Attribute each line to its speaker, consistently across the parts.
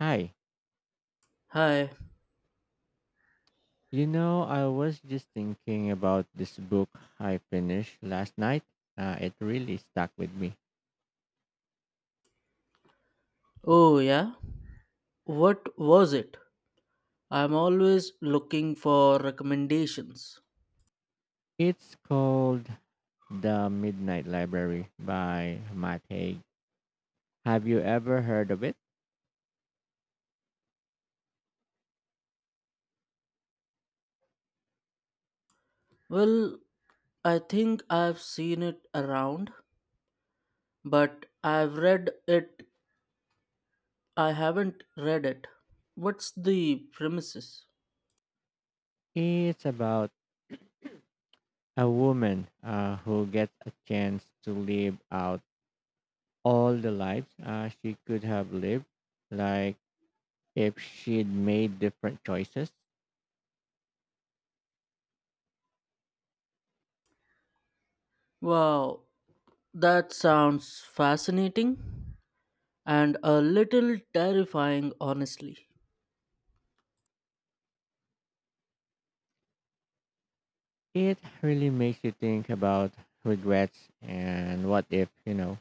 Speaker 1: Hi.
Speaker 2: Hi.
Speaker 1: You know, I was just thinking about this book I finished last night. It really stuck with me.
Speaker 2: Oh, yeah? What was it? I'm always looking for recommendations.
Speaker 1: It's called The Midnight Library by Matt Haig. Have you ever heard of it?
Speaker 2: Well, I think I've seen it around, but I've read it. I haven't read it. What's the premises?
Speaker 1: It's about a woman who gets a chance to live out all the lives she could have lived, like if she'd made different choices.
Speaker 2: Wow, that sounds fascinating and a little terrifying, honestly.
Speaker 1: It really makes you think about regrets and what if.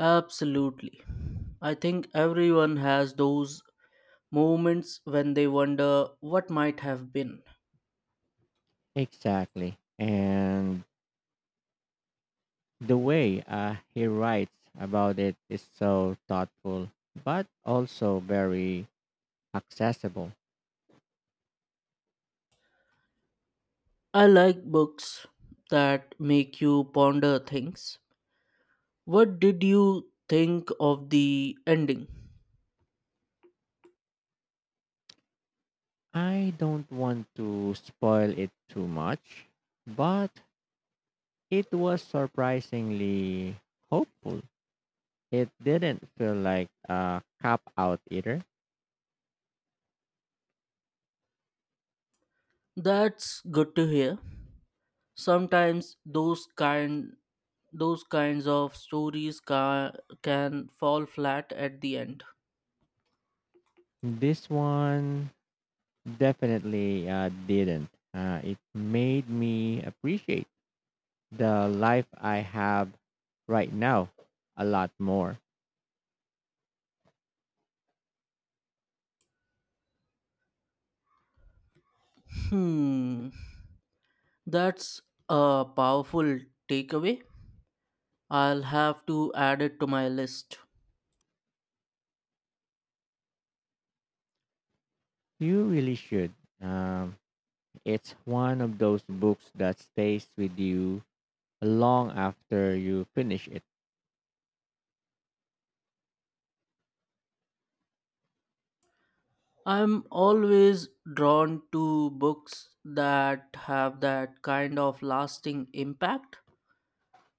Speaker 2: Absolutely. I think everyone has those moments when they wonder what might have been.
Speaker 1: Exactly. And the way he writes about it is so thoughtful, but also very accessible.
Speaker 2: I like books that make you ponder things. What did you think of the ending?
Speaker 1: I don't want to spoil it too much, but it was surprisingly hopeful. It didn't feel like a cop out either.
Speaker 2: That's good to hear. Sometimes those kinds of stories can fall flat at the end.
Speaker 1: This one definitely didn't. It made me appreciate the life I have right now a lot more.
Speaker 2: Hmm, that's a powerful takeaway. I'll have to add it to my list.
Speaker 1: You really should. Um, it's one of those books that stays with you long after you finish it.
Speaker 2: I'm always drawn to books that have that kind of lasting impact.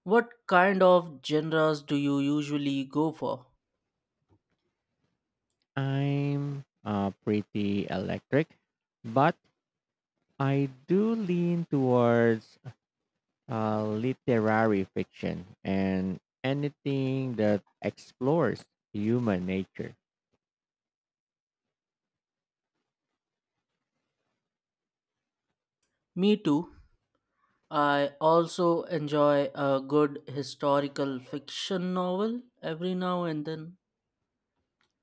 Speaker 2: What kind of genres do you usually go for?
Speaker 1: I'm pretty electric, but I do lean towards literary fiction and anything that explores human nature.
Speaker 2: Me too. I also enjoy a good historical fiction novel every now and then.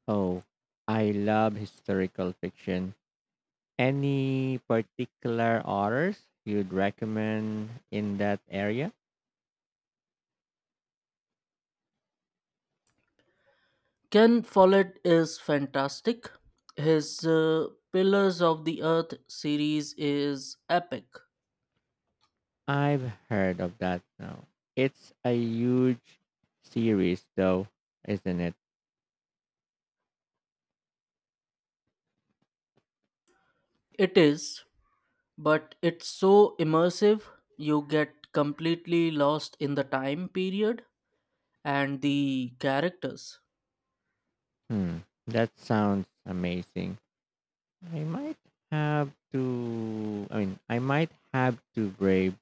Speaker 1: Oh, I love historical fiction. Any particular authors you'd recommend in that area?
Speaker 2: Ken Follett is fantastic. His Pillars of the Earth series is epic.
Speaker 1: I've heard of that now. It's a huge series, though, isn't it?
Speaker 2: It is, but it's so immersive you get completely lost in the time period and the characters.
Speaker 1: Hmm, that sounds amazing. I might I mean, I might have to brave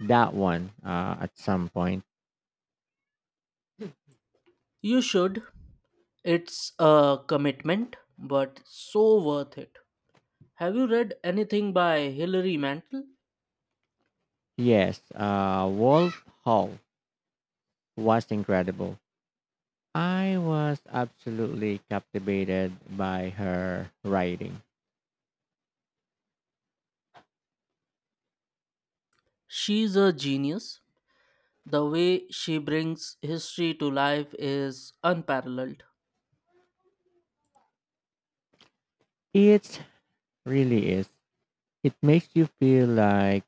Speaker 1: that one at some point.
Speaker 2: You should. It's a commitment, but so worth it. Have you read anything by Hilary Mantel?
Speaker 1: Yes, Wolf Hall was incredible. I was absolutely captivated by her writing.
Speaker 2: She's a genius. The way she brings history to life is unparalleled.
Speaker 1: It really is. It makes you feel like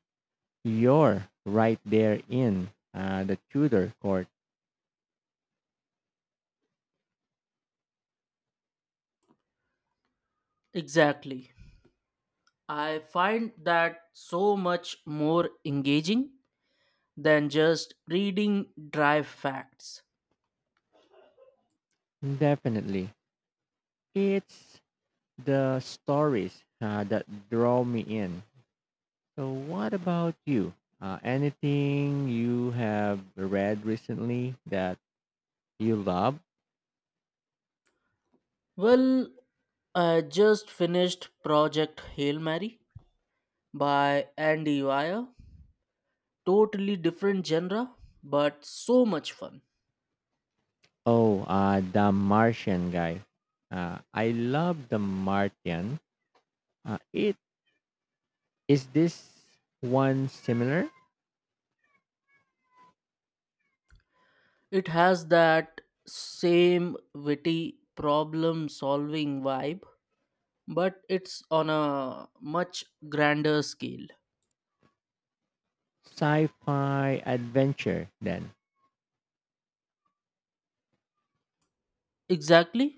Speaker 1: you're right there in the Tudor court.
Speaker 2: Exactly. I find that so much more engaging than just reading dry facts.
Speaker 1: Definitely. It's the stories that draw me in. So, what about you? Anything you have read recently that you love?
Speaker 2: Well, I just finished Project Hail Mary by Andy Weir. Totally different genre, but so much fun.
Speaker 1: Oh, The Martian guy. I love The Martian. It is this one similar?
Speaker 2: It has that same witty problem solving vibe, but it's on a much grander scale.
Speaker 1: Sci-fi adventure. Then
Speaker 2: Exactly.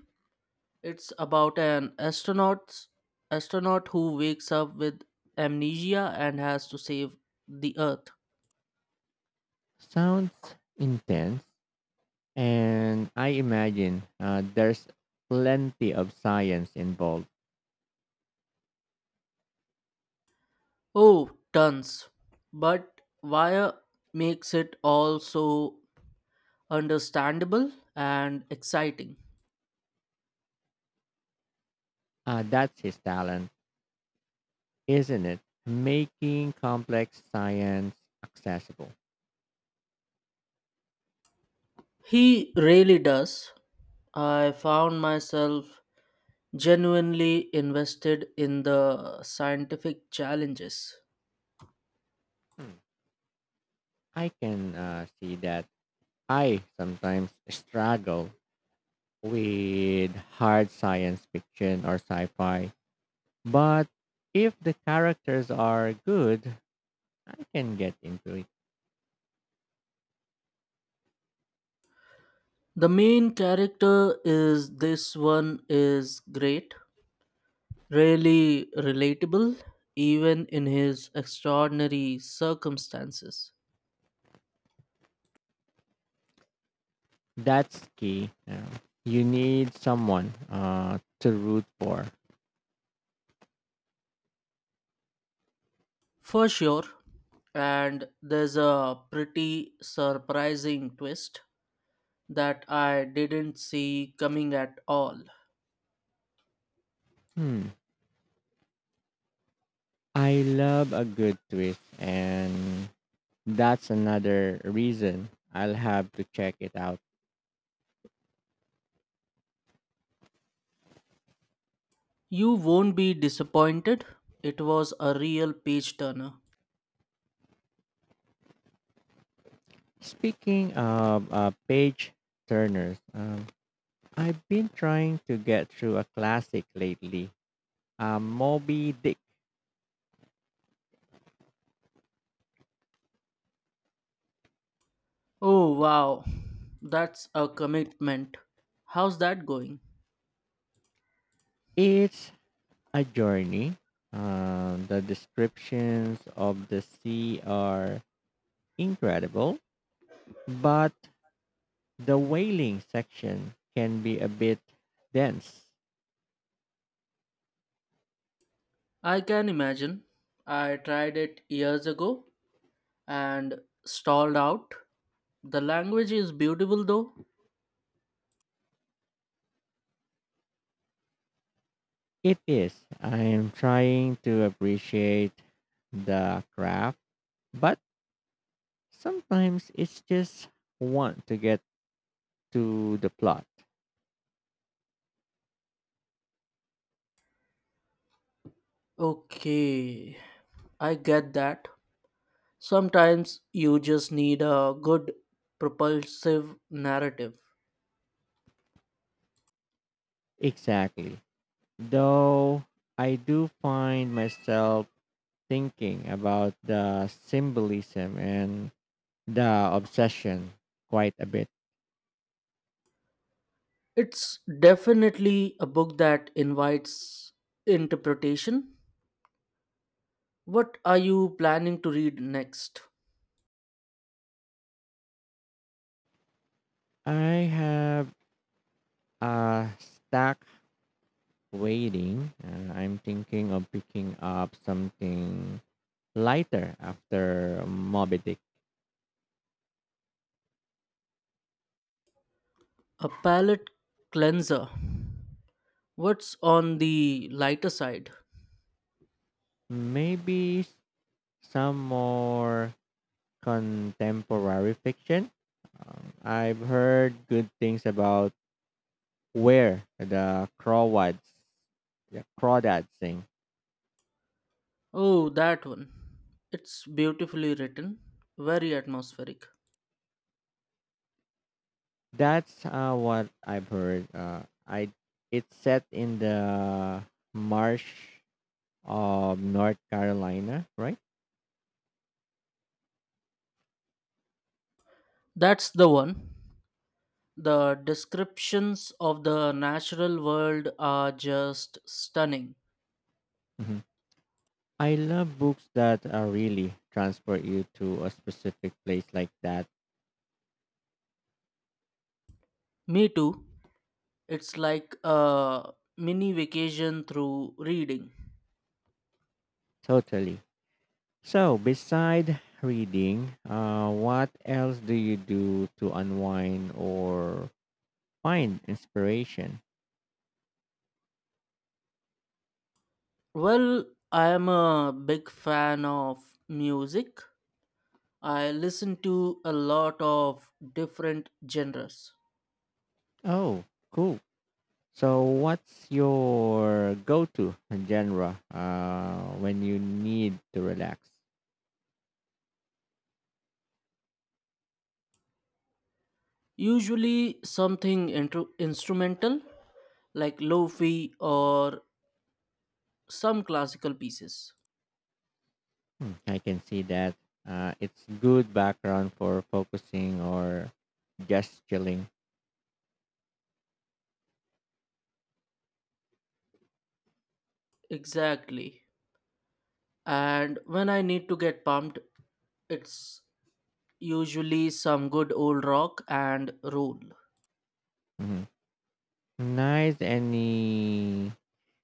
Speaker 2: It's about an astronaut astronaut who wakes up with amnesia and has to save the earth.
Speaker 1: sounds intense, and I imagine there's plenty of science involved.
Speaker 2: Oh, tons. But Wire makes it all so understandable and exciting.
Speaker 1: That's his talent, isn't it? Making complex science accessible.
Speaker 2: He really does. I found myself genuinely invested in the scientific challenges.
Speaker 1: Hmm. I can see that. I sometimes struggle with hard science fiction or sci-fi. But if the characters are good, I can get into it.
Speaker 2: The main character is This one is great, really relatable, even in his extraordinary circumstances.
Speaker 1: That's key. You know. You need someone to root for.
Speaker 2: For sure. And there's a pretty surprising twist that I didn't see coming at all.
Speaker 1: Hmm. I love a good twist, and that's another reason I'll have to check it out.
Speaker 2: You won't be disappointed. It was a real page turner.
Speaker 1: Speaking of page turners, I've been trying to get through a classic lately, Moby Dick.
Speaker 2: Oh, wow. That's a commitment. How's that going?
Speaker 1: It's a journey. The descriptions of the sea are incredible, but the whaling section can be a bit dense.
Speaker 2: I can imagine. I tried it years ago and stalled out. The language is beautiful though.
Speaker 1: It is. I am trying to appreciate the craft, but sometimes it's just want to get to the plot.
Speaker 2: Okay, I get that. Sometimes you just need a good propulsive narrative.
Speaker 1: Exactly. Though I do find myself thinking about the symbolism and the obsession quite a bit.
Speaker 2: It's definitely a book that invites interpretation. What are you planning to read next?
Speaker 1: I have a stack waiting. I'm thinking of picking up something lighter after Moby Dick.
Speaker 2: A palate cleanser. What's on the lighter side?
Speaker 1: Maybe s- some more contemporary fiction. I've heard good things about where the crawdads, the Crawdads Sing.
Speaker 2: Oh, that one. It's beautifully written, very atmospheric.
Speaker 1: That's what I've heard. I it's set in the marsh of North Carolina, right?
Speaker 2: That's the one. The descriptions of the natural world are just stunning.
Speaker 1: Hmm, I love books that really transport you to a specific place like that.
Speaker 2: Me too. It's like a mini vacation through reading.
Speaker 1: Totally. So, beside reading, what else do you do to unwind or find inspiration?
Speaker 2: Well, I am a big fan of music. I listen to a lot of different genres.
Speaker 1: Oh, cool. So, what's your go-to genre when you need to relax?
Speaker 2: Usually something instrumental like lofi or some classical pieces.
Speaker 1: Hmm, I can see that it's good background for focusing or just chilling.
Speaker 2: Exactly. And when I need to get pumped, it's usually some good old rock and roll.
Speaker 1: Mhm. Nice. Any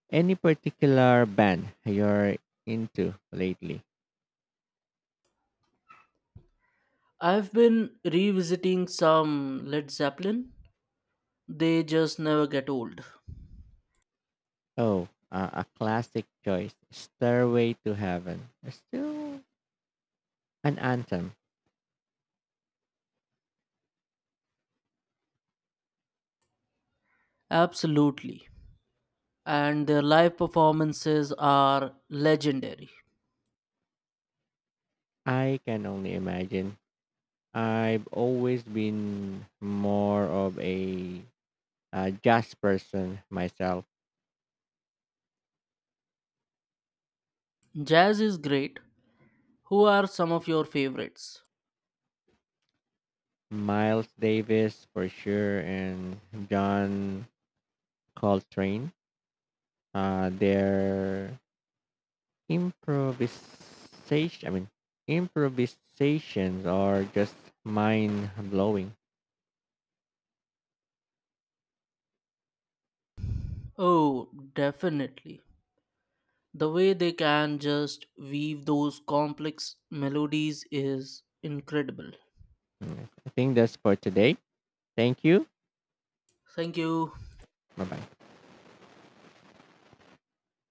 Speaker 1: any particular band you're into lately?
Speaker 2: I've been revisiting some Led Zeppelin. They just never get old.
Speaker 1: Oh, a classic choice, "Stairway to Heaven." Still an anthem.
Speaker 2: Absolutely. And their live performances are legendary.
Speaker 1: I can only imagine. I've always been more of a jazz person myself.
Speaker 2: Jazz is great. Who are some of your favorites?
Speaker 1: Miles Davis for sure, and John Coltrane. Their improvisation, I mean, improvisations are just mind blowing.
Speaker 2: Oh, definitely. The way they can just weave those complex melodies is incredible.
Speaker 1: I think that's for today. Thank you.
Speaker 2: Thank you.
Speaker 1: Bye bye.